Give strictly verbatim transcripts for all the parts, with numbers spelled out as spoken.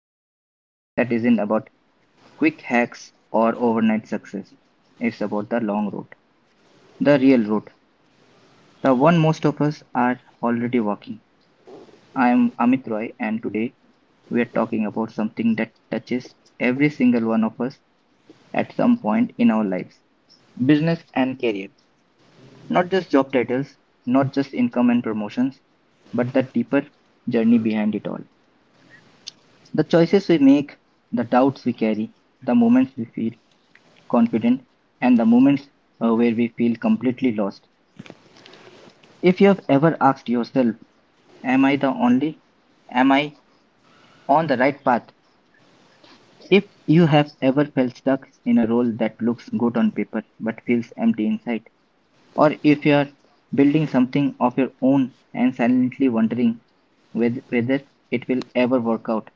conversations that isn't about quick hacks or overnight success. It's about the long road, the real road, the one most of us are already walking. I am Amit Roy, and today we are talking about something that touches every single one of us at some point in our lives. Business and career. Not just job titles, not just income and promotions, but the deeper journey behind it all. The choices we make, the doubts we carry, the moments we feel confident, and the moments uh, where we feel completely lost. If you have ever asked yourself, Am I the only? Am I on the right path? If you have ever felt stuck in a role that looks good on paper but feels empty inside, or if you're building something of your own and silently wondering whether it will ever work out,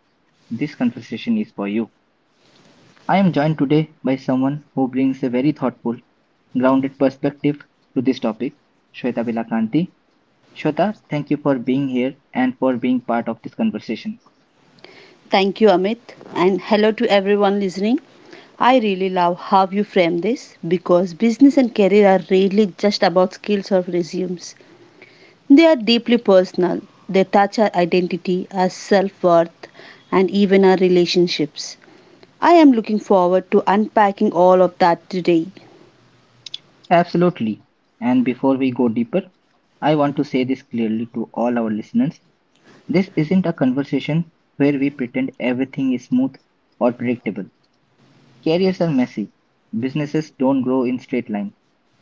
this conversation is for you. I am joined today by someone who brings a very thoughtful, grounded perspective to this topic, Shweta Vilakanti. Shweta, thank you for being here and for being part of this conversation. Thank you, Amit, and hello to everyone listening. I really love how you frame this because business and career are really just about skills or resumes. They are deeply personal, they touch our identity, our self worth, and even our relationships. I am looking forward to unpacking all of that today. Absolutely. And before we go deeper, I want to say this clearly to all our listeners. This isn't a conversation where we pretend everything is smooth or predictable. Careers are messy, businesses don't grow in straight line,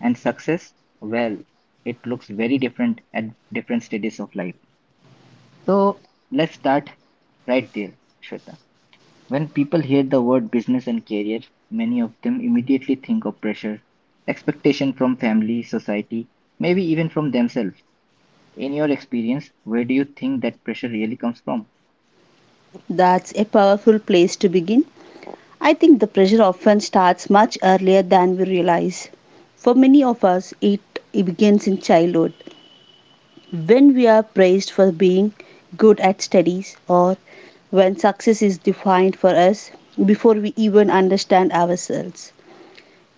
and success, well, it looks very different at different stages of life. So let's start right there, Shweta. When people hear the word business and career, many of them immediately think of pressure, expectation from family, society, maybe even from themselves. In your experience, where do you think that pressure really comes from? That's a powerful place to begin. I think the pressure often starts much earlier than we realize. For many of us, it, it begins in childhood when we are praised for being good at studies or when success is defined for us before we even understand ourselves.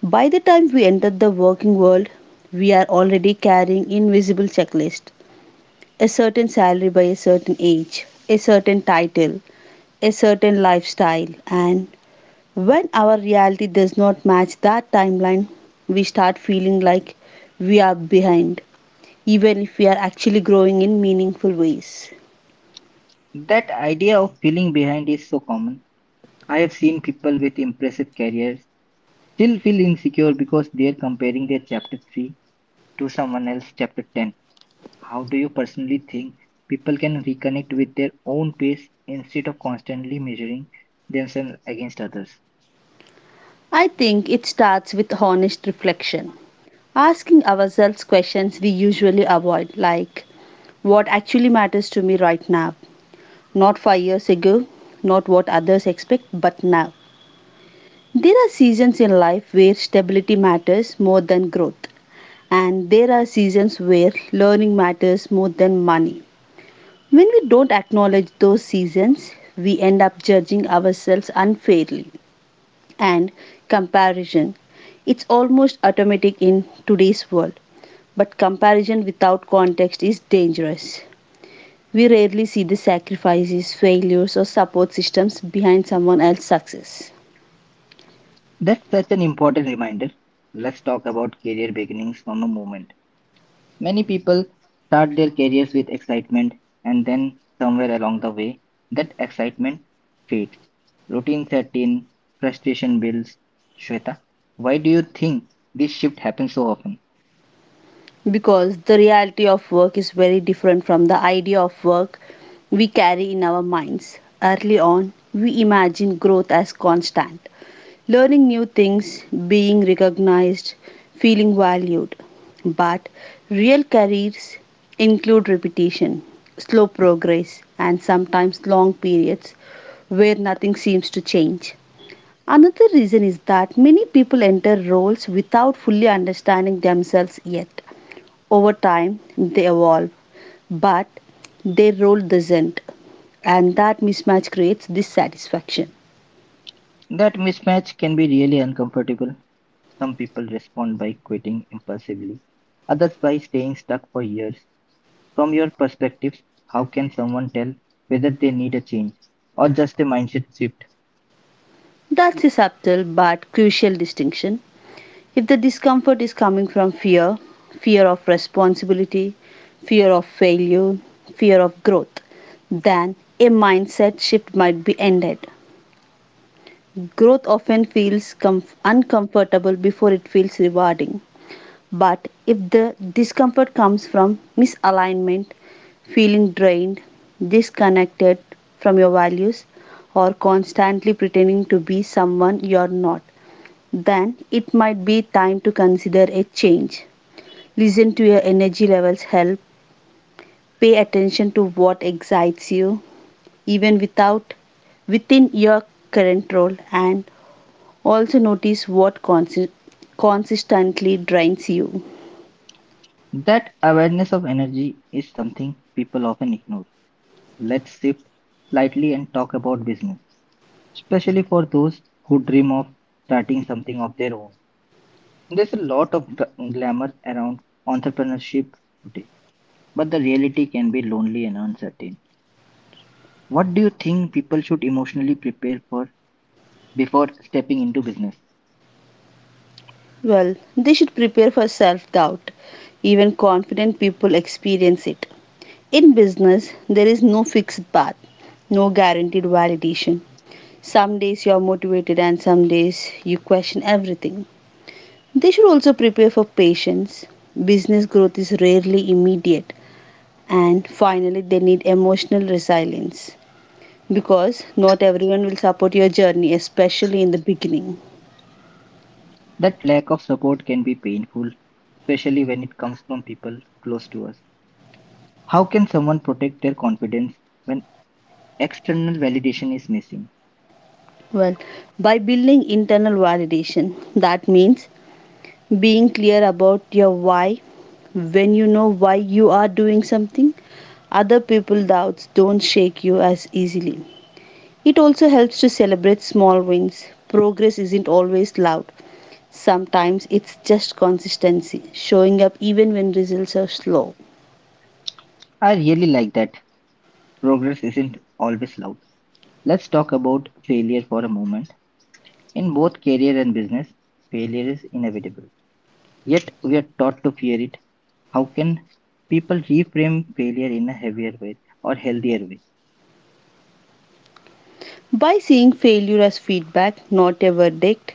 By the time we enter the working world, we are already carrying invisible checklist, a certain salary by a certain age, a certain title, a certain lifestyle, and when our reality does not match that timeline, we start feeling like we are behind, even if we are actually growing in meaningful ways. That idea of feeling behind is so common. I have seen people with impressive careers still feel insecure because they're comparing their chapter three to someone else's chapter ten. How do you personally think people can reconnect with their own pace instead of constantly measuring themselves against others? I think it starts with honest reflection, asking ourselves questions we usually avoid, like what actually matters to me right now, not five years ago, not what others expect, but now. There are seasons in life where stability matters more than growth, and there are seasons where learning matters more than money. When we don't acknowledge those seasons, we end up judging ourselves unfairly. And comparison. It's almost automatic in today's world, but comparison without context is dangerous. We rarely see the sacrifices, failures, or support systems behind someone else's success. That's such an important reminder. Let's talk about career beginnings from a moment. Many people start their careers with excitement, and then somewhere along the way, that excitement fades. Routine set in, frustration builds. Shweta, why do you think this shift happens so often? Because the reality of work is very different from the idea of work we carry in our minds. Early on, we imagine growth as constant, learning new things, being recognized, feeling valued. But real careers include repetition, slow progress, and sometimes long periods where nothing seems to change. Another reason is that many people enter roles without fully understanding themselves yet. Over time, they evolve, but their role doesn't, and that mismatch creates dissatisfaction. That mismatch can be really uncomfortable. Some people respond by quitting impulsively, others by staying stuck for years. From your perspective, how can someone tell whether they need a change or just a mindset shift? That's a subtle but crucial distinction. If the discomfort is coming from fear, fear of responsibility, fear of failure, fear of growth, then a mindset shift might be ended. Growth often feels com- uncomfortable before it feels rewarding. But if the discomfort comes from misalignment, feeling drained, disconnected from your values, or constantly pretending to be someone you're not, then it might be time to consider a change. Listen to your energy levels help. Pay attention to what excites you, even without within your current role, and also notice what consi- consistently drains you. That awareness of energy is something people often ignore. Let's shift slightly and talk about business, especially for those who dream of starting something of their own. There's a lot of gl- glamour around entrepreneurship today, but the reality can be lonely and uncertain. What do you think people should emotionally prepare for before stepping into business? Well, they should prepare for self doubt. Even confident people experience it. In business, there is no fixed path, no guaranteed validation. Some days you are motivated, and some days you question everything. They should also prepare for patience. Business growth is rarely immediate. And finally, they need emotional resilience because not everyone will support your journey, especially in the beginning. That lack of support can be painful, especially when it comes from people close to us. How can someone protect their confidence when external validation is missing? Well, by building internal validation, that means being clear about your why. When you know why you are doing something, other people's doubts don't shake you as easily. It also helps to celebrate small wins. Progress isn't always loud. Sometimes it's just consistency, showing up even when results are slow. I really like that progress isn't always loud. Let's talk about failure for a moment. In both career and business, failure is inevitable. Yet we are taught to fear it. How can people reframe failure in a heavier way or healthier way? By seeing failure as feedback, not a verdict,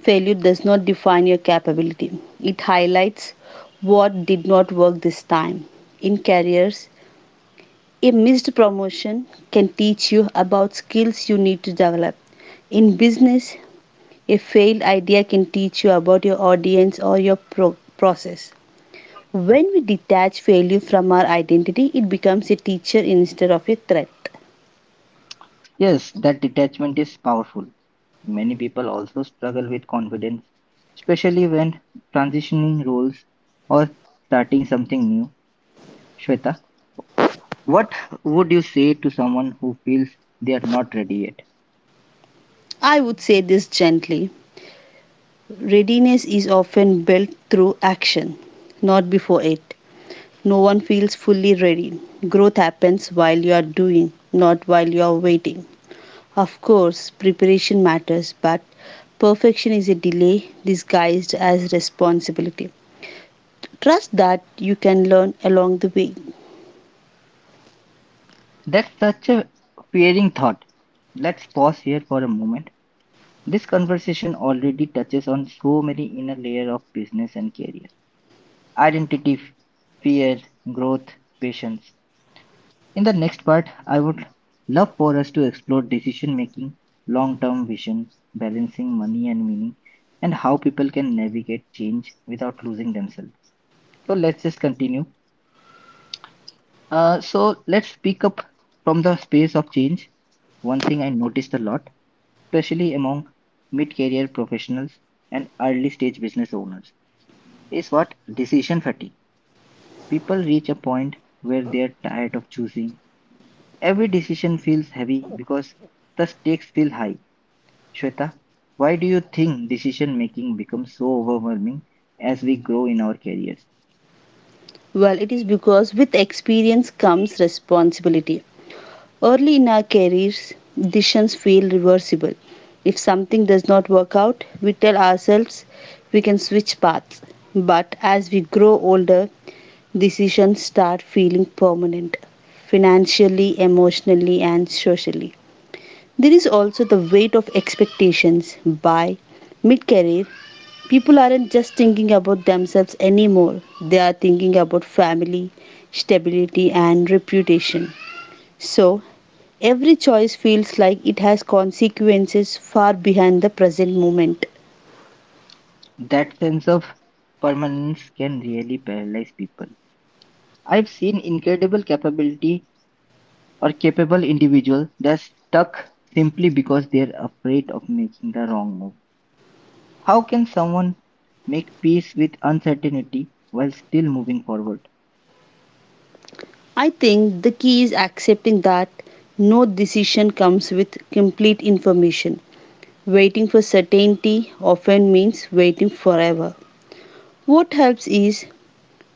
failure does not define your capability. It highlights what did not work this time. In careers, a missed promotion can teach you about skills you need to develop. In business, a failed idea can teach you about your audience or your pro- process. When we detach failure from our identity, it becomes a teacher instead of a threat. Yes, that detachment is powerful. Many people also struggle with confidence, especially when transitioning roles or starting something new. Shweta, what would you say to someone who feels they are not ready yet? I would say this gently. Readiness is often built through action, not before it. No one feels fully ready. Growth happens while you are doing, not while you are waiting. Of course, preparation matters, but perfection is a delay disguised as responsibility. Trust that you can learn along the way. That's such a fearing thought. Let's pause here for a moment. This conversation already touches on so many inner layers of business and career. Identity, f- fear, growth, patience. In the next part, I would love for us to explore decision making, long-term vision, balancing money and meaning, and how people can navigate change without losing themselves. So let's just continue. Uh, so let's pick up from the space of change. One thing I noticed a lot, especially among mid career professionals and early stage business owners, is what decision fatigue. People reach a point where they're tired of choosing. Every decision feels heavy because the stakes feel high. Shweta, why do you think decision making becomes so overwhelming as we grow in our careers? Well, it is because with experience comes responsibility. Early in our careers, decisions feel reversible. If something does not work out, we tell ourselves we can switch paths. But as we grow older, decisions start feeling permanent financially, emotionally, and socially. There is also the weight of expectations by mid career. People aren't just thinking about themselves anymore, they are thinking about family, stability, and reputation. So, every choice feels like it has consequences far behind the present moment. That sense of permanence can really paralyze people. I've seen incredible capability or capable individual that's stuck simply because they're afraid of making the wrong move. How can someone make peace with uncertainty while still moving forward? I think the key is accepting that no decision comes with complete information. Waiting for certainty often means waiting forever. What helps is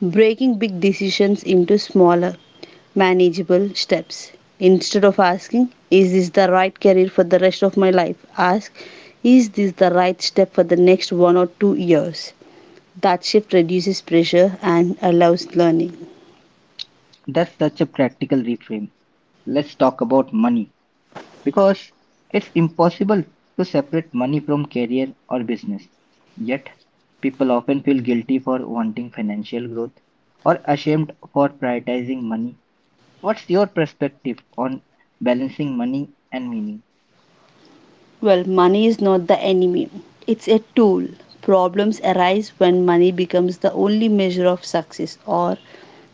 breaking big decisions into smaller, manageable steps. Instead of asking, "Is this the right career for the rest of my life?" ask, "Is this the right step for the next one or two years?" That shift reduces pressure and allows learning. That's such a practical reframe. Let's talk about money because it's impossible to separate money from career or business. Yet, people often feel guilty for wanting financial growth or ashamed for prioritizing money. What's your perspective on balancing money and meaning? Well, money is not the enemy, it's a tool. Problems arise when money becomes the only measure of success or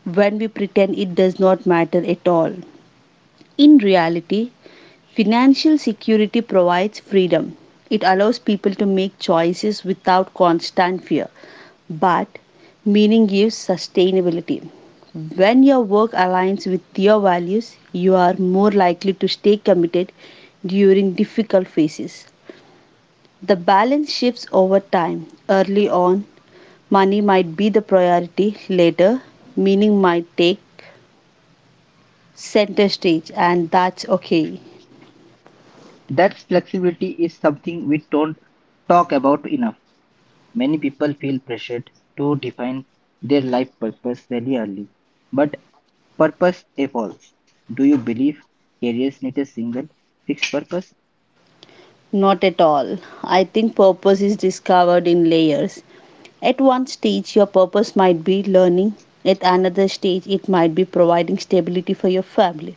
when we pretend it does not matter at all. In reality, financial security provides freedom. It allows people to make choices without constant fear. But meaning gives sustainability. When your work aligns with your values, you are more likely to stay committed during difficult phases. The balance shifts over time. Early on, money might be the priority, later, meaning might take center stage, and that's okay. That flexibility is something we don't talk about enough. Many people feel pressured to define their life purpose very early, but purpose evolves. Do you believe careers need a single fixed purpose? Not at all. I think purpose is discovered in layers. At one stage, your purpose might be learning. At another stage, it might be providing stability for your family.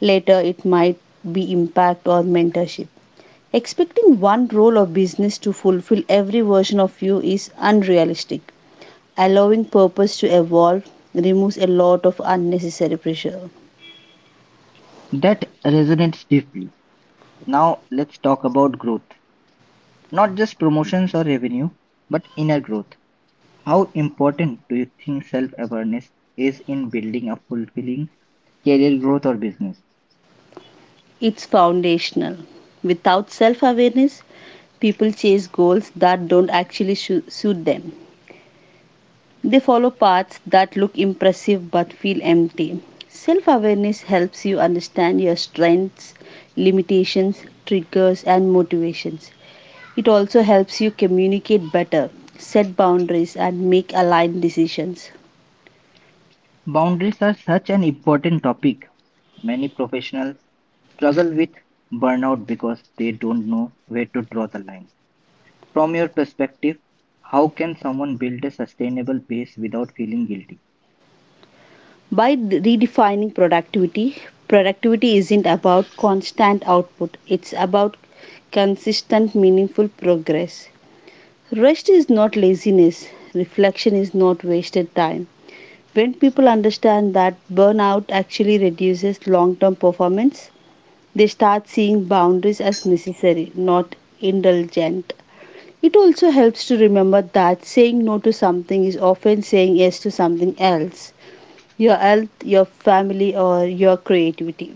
Later, it might be impact or mentorship. Expecting one role of business to fulfill every version of you is unrealistic. Allowing purpose to evolve removes a lot of unnecessary pressure. That resonates deeply. Now let's talk about growth, not just promotions or revenue, but inner growth. How important do you think self-awareness is in building a fulfilling career growth or business? It's foundational. Without self awareness, people chase goals that don't actually su- suit them. They follow paths that look impressive but feel empty. Self awareness helps you understand your strengths, limitations, triggers, and motivations. It also helps you communicate better, set boundaries, and make aligned decisions. Boundaries are such an important topic. Many professionals struggle with burnout because they don't know where to draw the line. From your perspective, how can someone build a sustainable base without feeling guilty? By redefining productivity, productivity isn't about constant output, it's about consistent, meaningful progress. Rest is not laziness, reflection is not wasted time. When people understand that burnout actually reduces long term performance, they start seeing boundaries as necessary, not indulgent. It also helps to remember that saying no to something is often saying yes to something else, your health, your family, or your creativity.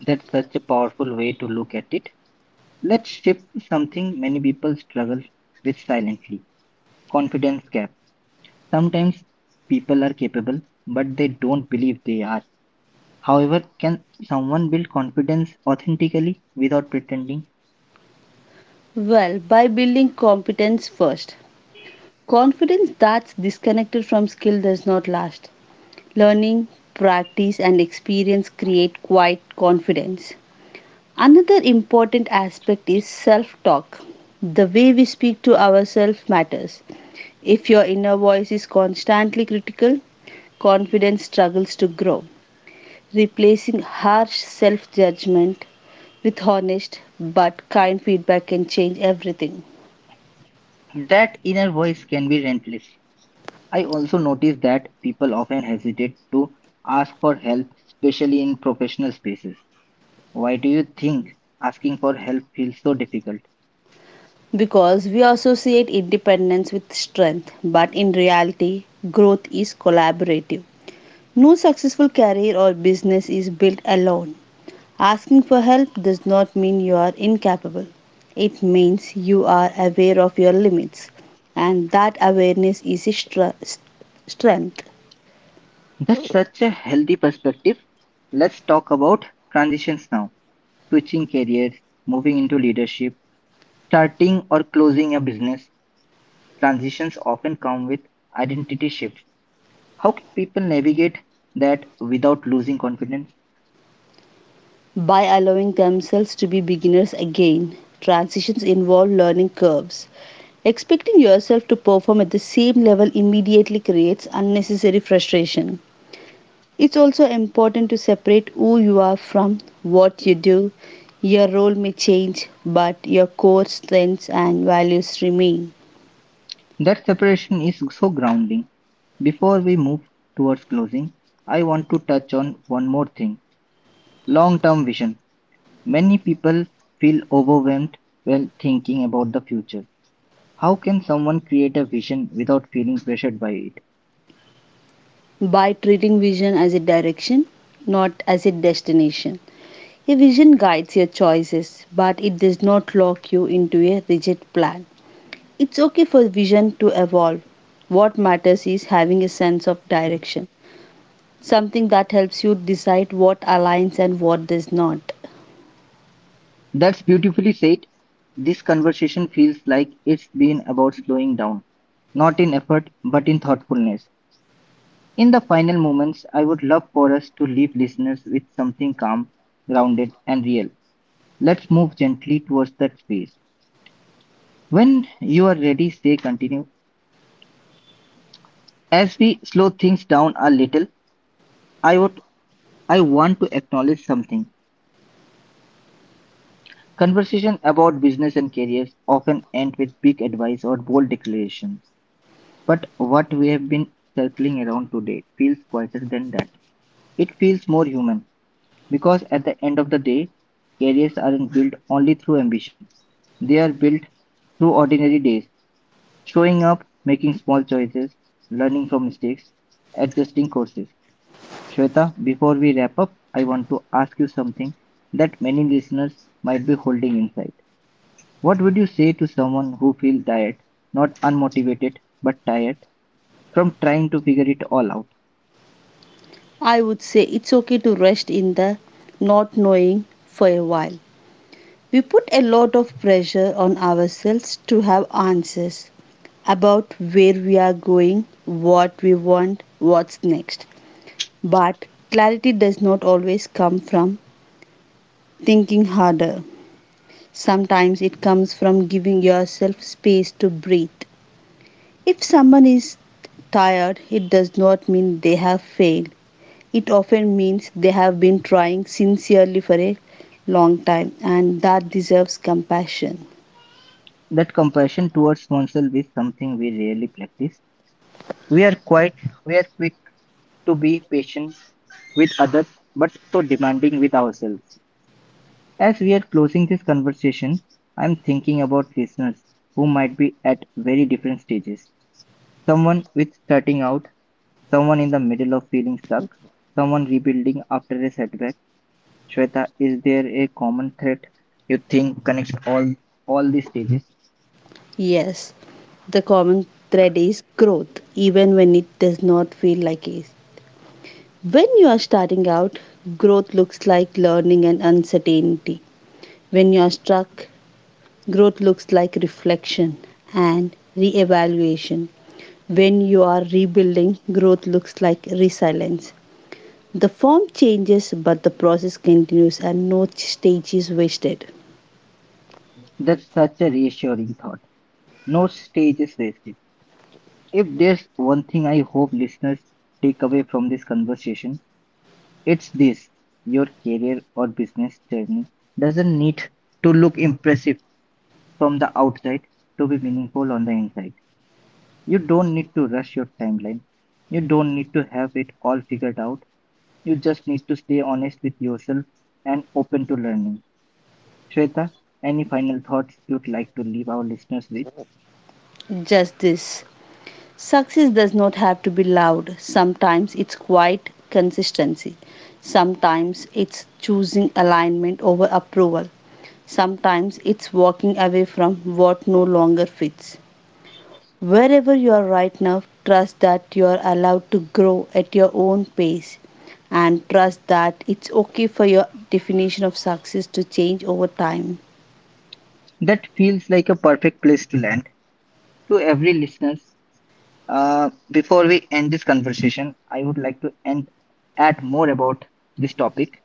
That's such a powerful way to look at it. Let's shift to something many people struggle with silently, confidence gap. Sometimes people are capable, but they don't believe they are. However, can someone build confidence authentically without pretending? Well, by building competence first. Confidence that's disconnected from skill does not last. Learning, practice, and experience create quiet confidence. Another important aspect is self talk. The way we speak to ourselves matters. If your inner voice is constantly critical, confidence struggles to grow. Replacing harsh self judgment with honest but kind feedback can change everything. That inner voice can be relentless. I also notice that people often hesitate to ask for help, especially in professional spaces. Why do you think asking for help feels so difficult? Because we associate independence with strength, but in reality, growth is collaborative. No successful career or business is built alone. Asking for help does not mean you are incapable, it means you are aware of your limits, and that awareness is a stra- strength. That's such a healthy perspective. Let's talk about transitions now. Switching careers, moving into leadership, starting or closing a business. Transitions often come with identity shifts. How can people navigate that without losing confidence? By allowing themselves to be beginners again. Transitions involve learning curves. Expecting yourself to perform at the same level immediately creates unnecessary frustration. It's also important to separate who you are from what you do. Your role may change, but your core strengths and values remain. That separation is so grounding. Before we move towards closing, I want to touch on one more thing, long term vision. Many people feel overwhelmed while thinking about the future. How can someone create a vision without feeling pressured by it? By treating vision as a direction, not as a destination. A vision guides your choices, but it does not lock you into a rigid plan. It's okay for vision to evolve. What matters is having a sense of direction, something that helps you decide what aligns and what does not. That's beautifully said. This conversation feels like it's been about slowing down, not in effort, but in thoughtfulness. In the final moments, I would love for us to leave listeners with something calm, grounded, and real. Let's move gently towards that space. When you are ready, say continue. As we slow things down a little, I would I want to acknowledge something. Conversation about business and careers often end with big advice or bold declarations. But what we have been circling around today feels quieter than that. It feels more human. Because at the end of the day, careers aren't built only through ambition. They are built through ordinary days, showing up, making small choices, learning from mistakes, adjusting courses. Shweta, before we wrap up, I want to ask you something that many listeners might be holding inside. What would you say to someone who feels tired, not unmotivated, but tired from trying to figure it all out? I would say it's okay to rest in the not knowing for a while. We put a lot of pressure on ourselves to have answers about where we are going, what we want, what's next. But clarity does not always come from thinking harder. Sometimes it comes from giving yourself space to breathe. If someone is tired, it does not mean they have failed. It often means they have been trying sincerely for a long time and that deserves compassion. That compassion towards oneself is something we rarely practice. We are quite we are quick to be patient with others, but so demanding with ourselves. As we are closing this conversation, I'm thinking about listeners who might be at very different stages. Someone with starting out, someone in the middle of feeling stuck, someone rebuilding after a setback. Shweta, is there a common thread you think connects all all these stages? Yes, the common thread is growth, even when it does not feel like it. When you are starting out, growth looks like learning and uncertainty. When you are stuck, growth looks like reflection and reevaluation. When you are rebuilding, growth looks like resilience. The form changes, but the process continues and no stage is wasted. That's such a reassuring thought. No stage is wasted. If there's one thing I hope listeners take away from this conversation, it's this: your career or business journey doesn't need to look impressive from the outside to be meaningful on the inside. You don't need to rush your timeline, you don't need to have it all figured out. You just need to stay honest with yourself and open to learning. Shweta, any final thoughts you'd like to leave our listeners with? Just this. Success does not have to be loud. Sometimes it's quiet consistency. Sometimes it's choosing alignment over approval. Sometimes it's walking away from what no longer fits. Wherever you are right now, trust that you are allowed to grow at your own pace and trust that it's okay for your definition of success to change over time. That feels like a perfect place to land. To every listener. Uh, before we end this conversation, I would like to end, add more about this topic.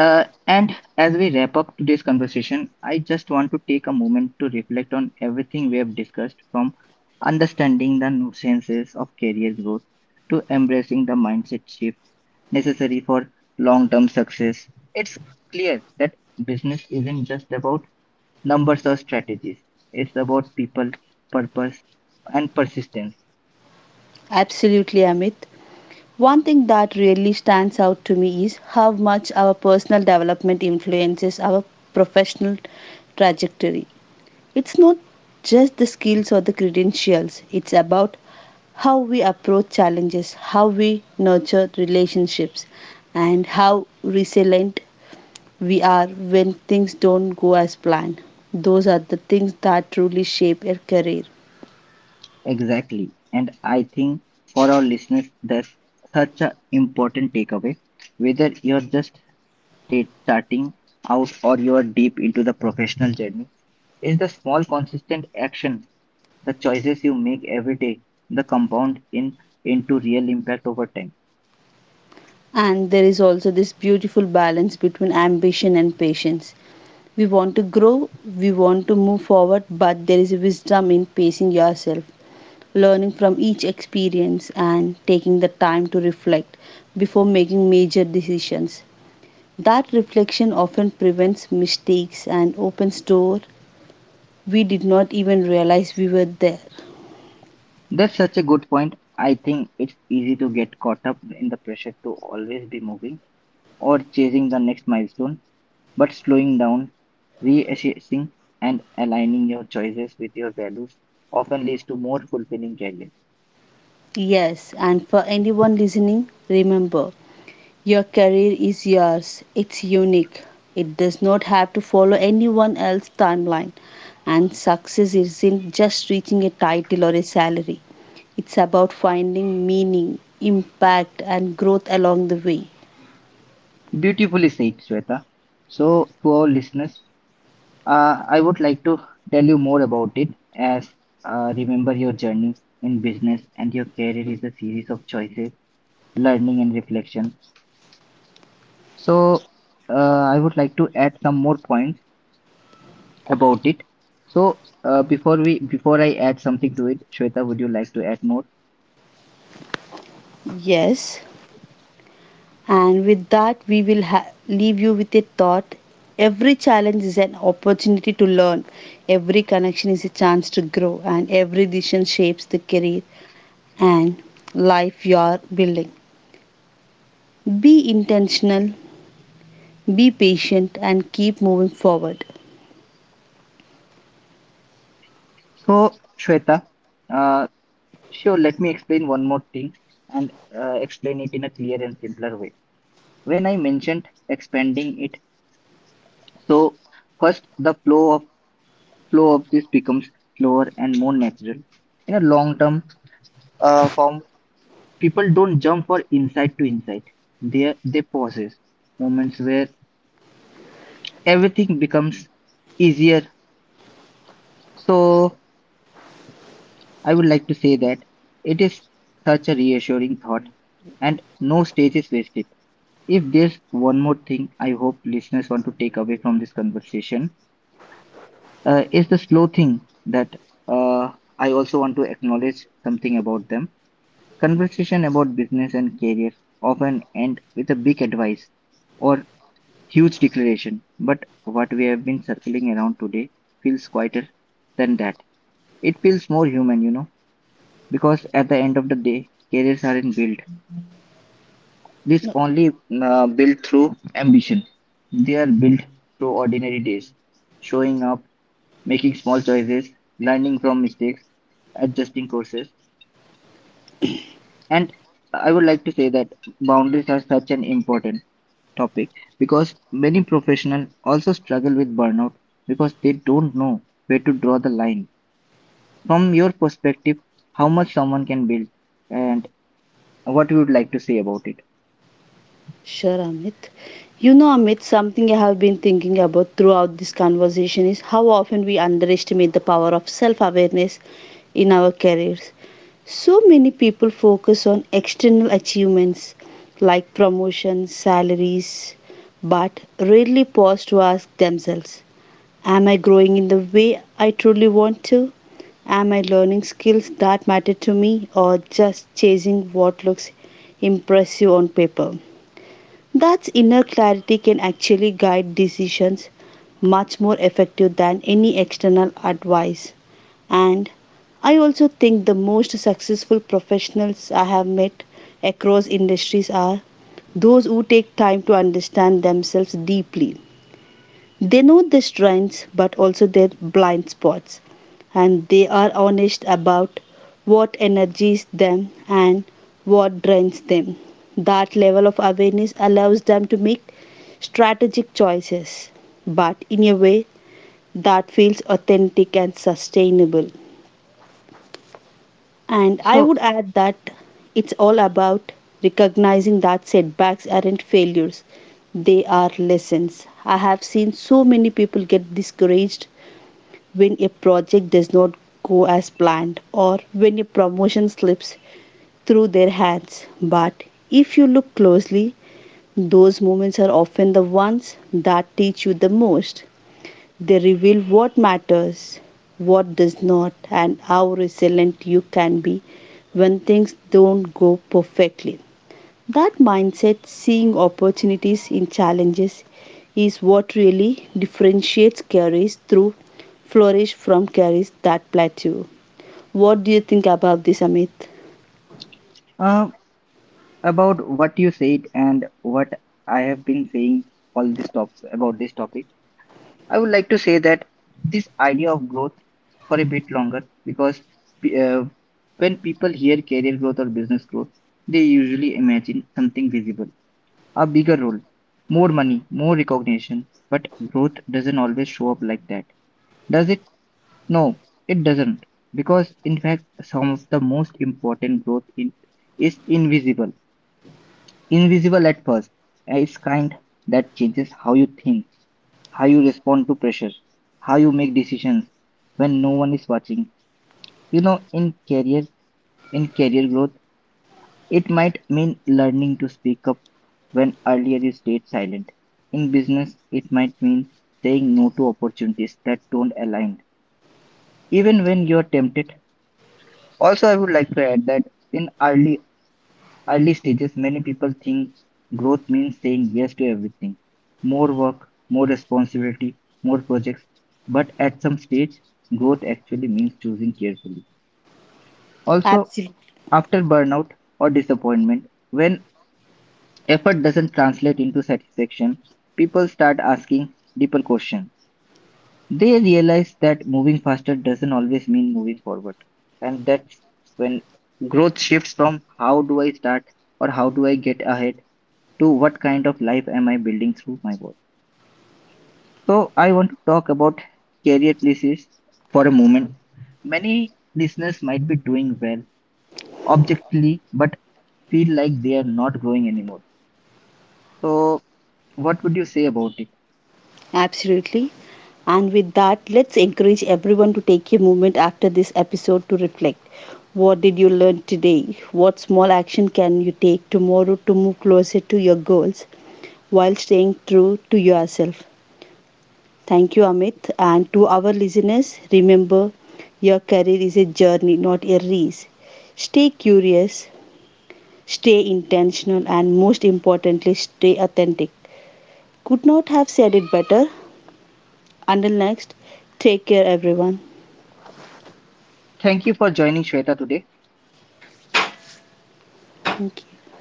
Uh, and as we wrap up today's conversation, I just want to take a moment to reflect on everything we have discussed, from understanding the nuances of career growth to embracing the mindset shift necessary for long term success. It's clear that business isn't just about numbers or strategies, it's about people, purpose, and persistence. Absolutely, Amit. One thing that really stands out to me is how much our personal development influences our professional trajectory. It's not just the skills or the credentials, it's about how we approach challenges, how we nurture relationships, and how resilient we are when things don't go as planned. Those are the things that truly shape a career. Exactly. And I think for our listeners, that's such an important takeaway. Whether you're just state starting out or you're deep into the professional journey, is the small consistent action, the choices you make every day, the compound in into real impact over time. And there is also this beautiful balance between ambition and patience. We want to grow, we want to move forward, but there is wisdom in pacing yourself. Learning from each experience and taking the time to reflect before making major decisions. That reflection often prevents mistakes and opens doors we did not even realize we were there. That's such a good point. I think it's easy to get caught up in the pressure to always be moving or chasing the next milestone. But slowing down, reassessing, and aligning your choices with your values often leads to more fulfilling career. Yes, and for anyone listening, remember your career is yours. It's unique. It does not have to follow anyone else's timeline. And success isn't just reaching a title or a salary. It's about finding meaning, impact, and growth along the way. Beautifully said, Shweta. So, to our listeners, uh, I would like to tell you more about it as uh, remember your journey in business and your career is a series of choices, learning, and reflection. So, uh, I would like to add some more points about it. So, uh, before we before I add something to it, Shweta, would you like to add more? Yes. And with that, we will ha- leave you with a thought. Every challenge is an opportunity to learn, every connection is a chance to grow, and every decision shapes the career and life you are building. Be intentional, be patient, and keep moving forward. So, Shweta, uh, sure, let me explain one more thing and uh, explain it in a clear and simpler way. When I mentioned expanding it, so first the flow of flow of this becomes slower and more natural. In a long term uh, form, people don't jump for insight to insight. They they pauses moments where everything becomes easier. So I would like to say that it is such a reassuring thought, and no stage is wasted. If there's one more thing I hope listeners want to take away from this conversation, uh, is the slow thing that uh, I also want to acknowledge something about them. Conversation about business and career often end with a big advice or huge declaration, but what we have been circling around today feels quieter than that. It feels more human, you know. Because at the end of the day, careers aren't built. This No, only uh, built through ambition. They are built through ordinary days, showing up, making small choices, learning from mistakes, adjusting courses. And I would like to say that boundaries are such an important topic because many professionals also struggle with burnout because they don't know where to draw the line. From your perspective, how much someone can build and what you would like to say about it. sure, Amit. You know, Amit, something I have been thinking about throughout this conversation is how often we underestimate the power of self awareness in our careers. So many people focus on external achievements like promotions, salaries, but rarely pause to ask themselves, am I growing in the way I truly want to? Am I learning skills that matter to me or just chasing what looks impressive on paper? That inner clarity can actually guide decisions much more effective than any external advice. And I also think the most successful professionals I have met across industries are those who take time to understand themselves deeply, they know their strengths but also their blind spots and they are honest about what energizes them and what drains them. That level of awareness allows them to make strategic choices, but in a way that feels authentic and sustainable. And I So, would add that it's all about recognizing that setbacks aren't failures, they are lessons. I have seen so many people get discouraged when a project does not go as planned or when a promotion slips through their hands. But if you look closely, those moments are often the ones that teach you the most. They reveal what matters, what does not, and how resilient you can be when things don't go perfectly. That mindset, seeing opportunities in challenges, is what really differentiates careers through flourish from careers that plateau. What do you think about this, Amit? Uh, about what you said and what I have been saying all this top about this topic, I would like to say that this idea of growth for a bit longer because p- uh, when people hear career growth or business growth, they usually imagine something visible, a bigger role, more money, more recognition. But growth doesn't always show up like that, does it? No, it doesn't. Because in fact, some of the most important growth in, is invisible. Invisible at first. Yeah, it's kind that changes how you think, how you respond to pressure, how you make decisions when no one is watching. You know, in career, in career growth, it might mean learning to speak up when earlier you stayed silent. In business, it might mean saying no to opportunities that don't align, even when you're tempted. Also, I would like to add that in early Early stages, many people think growth means saying yes to everything. More work, more responsibility, more projects. But at some stage, growth actually means choosing carefully. Also, Absolutely. after burnout or disappointment, when effort doesn't translate into satisfaction, people start asking deeper questions. They realize that moving faster doesn't always mean moving forward. And that's when growth shifts from how do I start or how do I get ahead to what kind of life am I building through my work. So I want to talk about career places for a moment. Many listeners might be doing well objectively, but feel like they are not growing anymore. So what would you say about it? Absolutely. And with that, let's encourage everyone to take a moment after this episode to reflect. What did you learn today? What small action can you take tomorrow to move closer to your goals while staying true to yourself? Thank you, Amit. And to our listeners, remember your career is a journey, not a race. Stay curious, stay intentional, and most importantly, stay authentic. Could not have said it better. Until next, take care, everyone. Thank you for joining Shweta today. Thank you.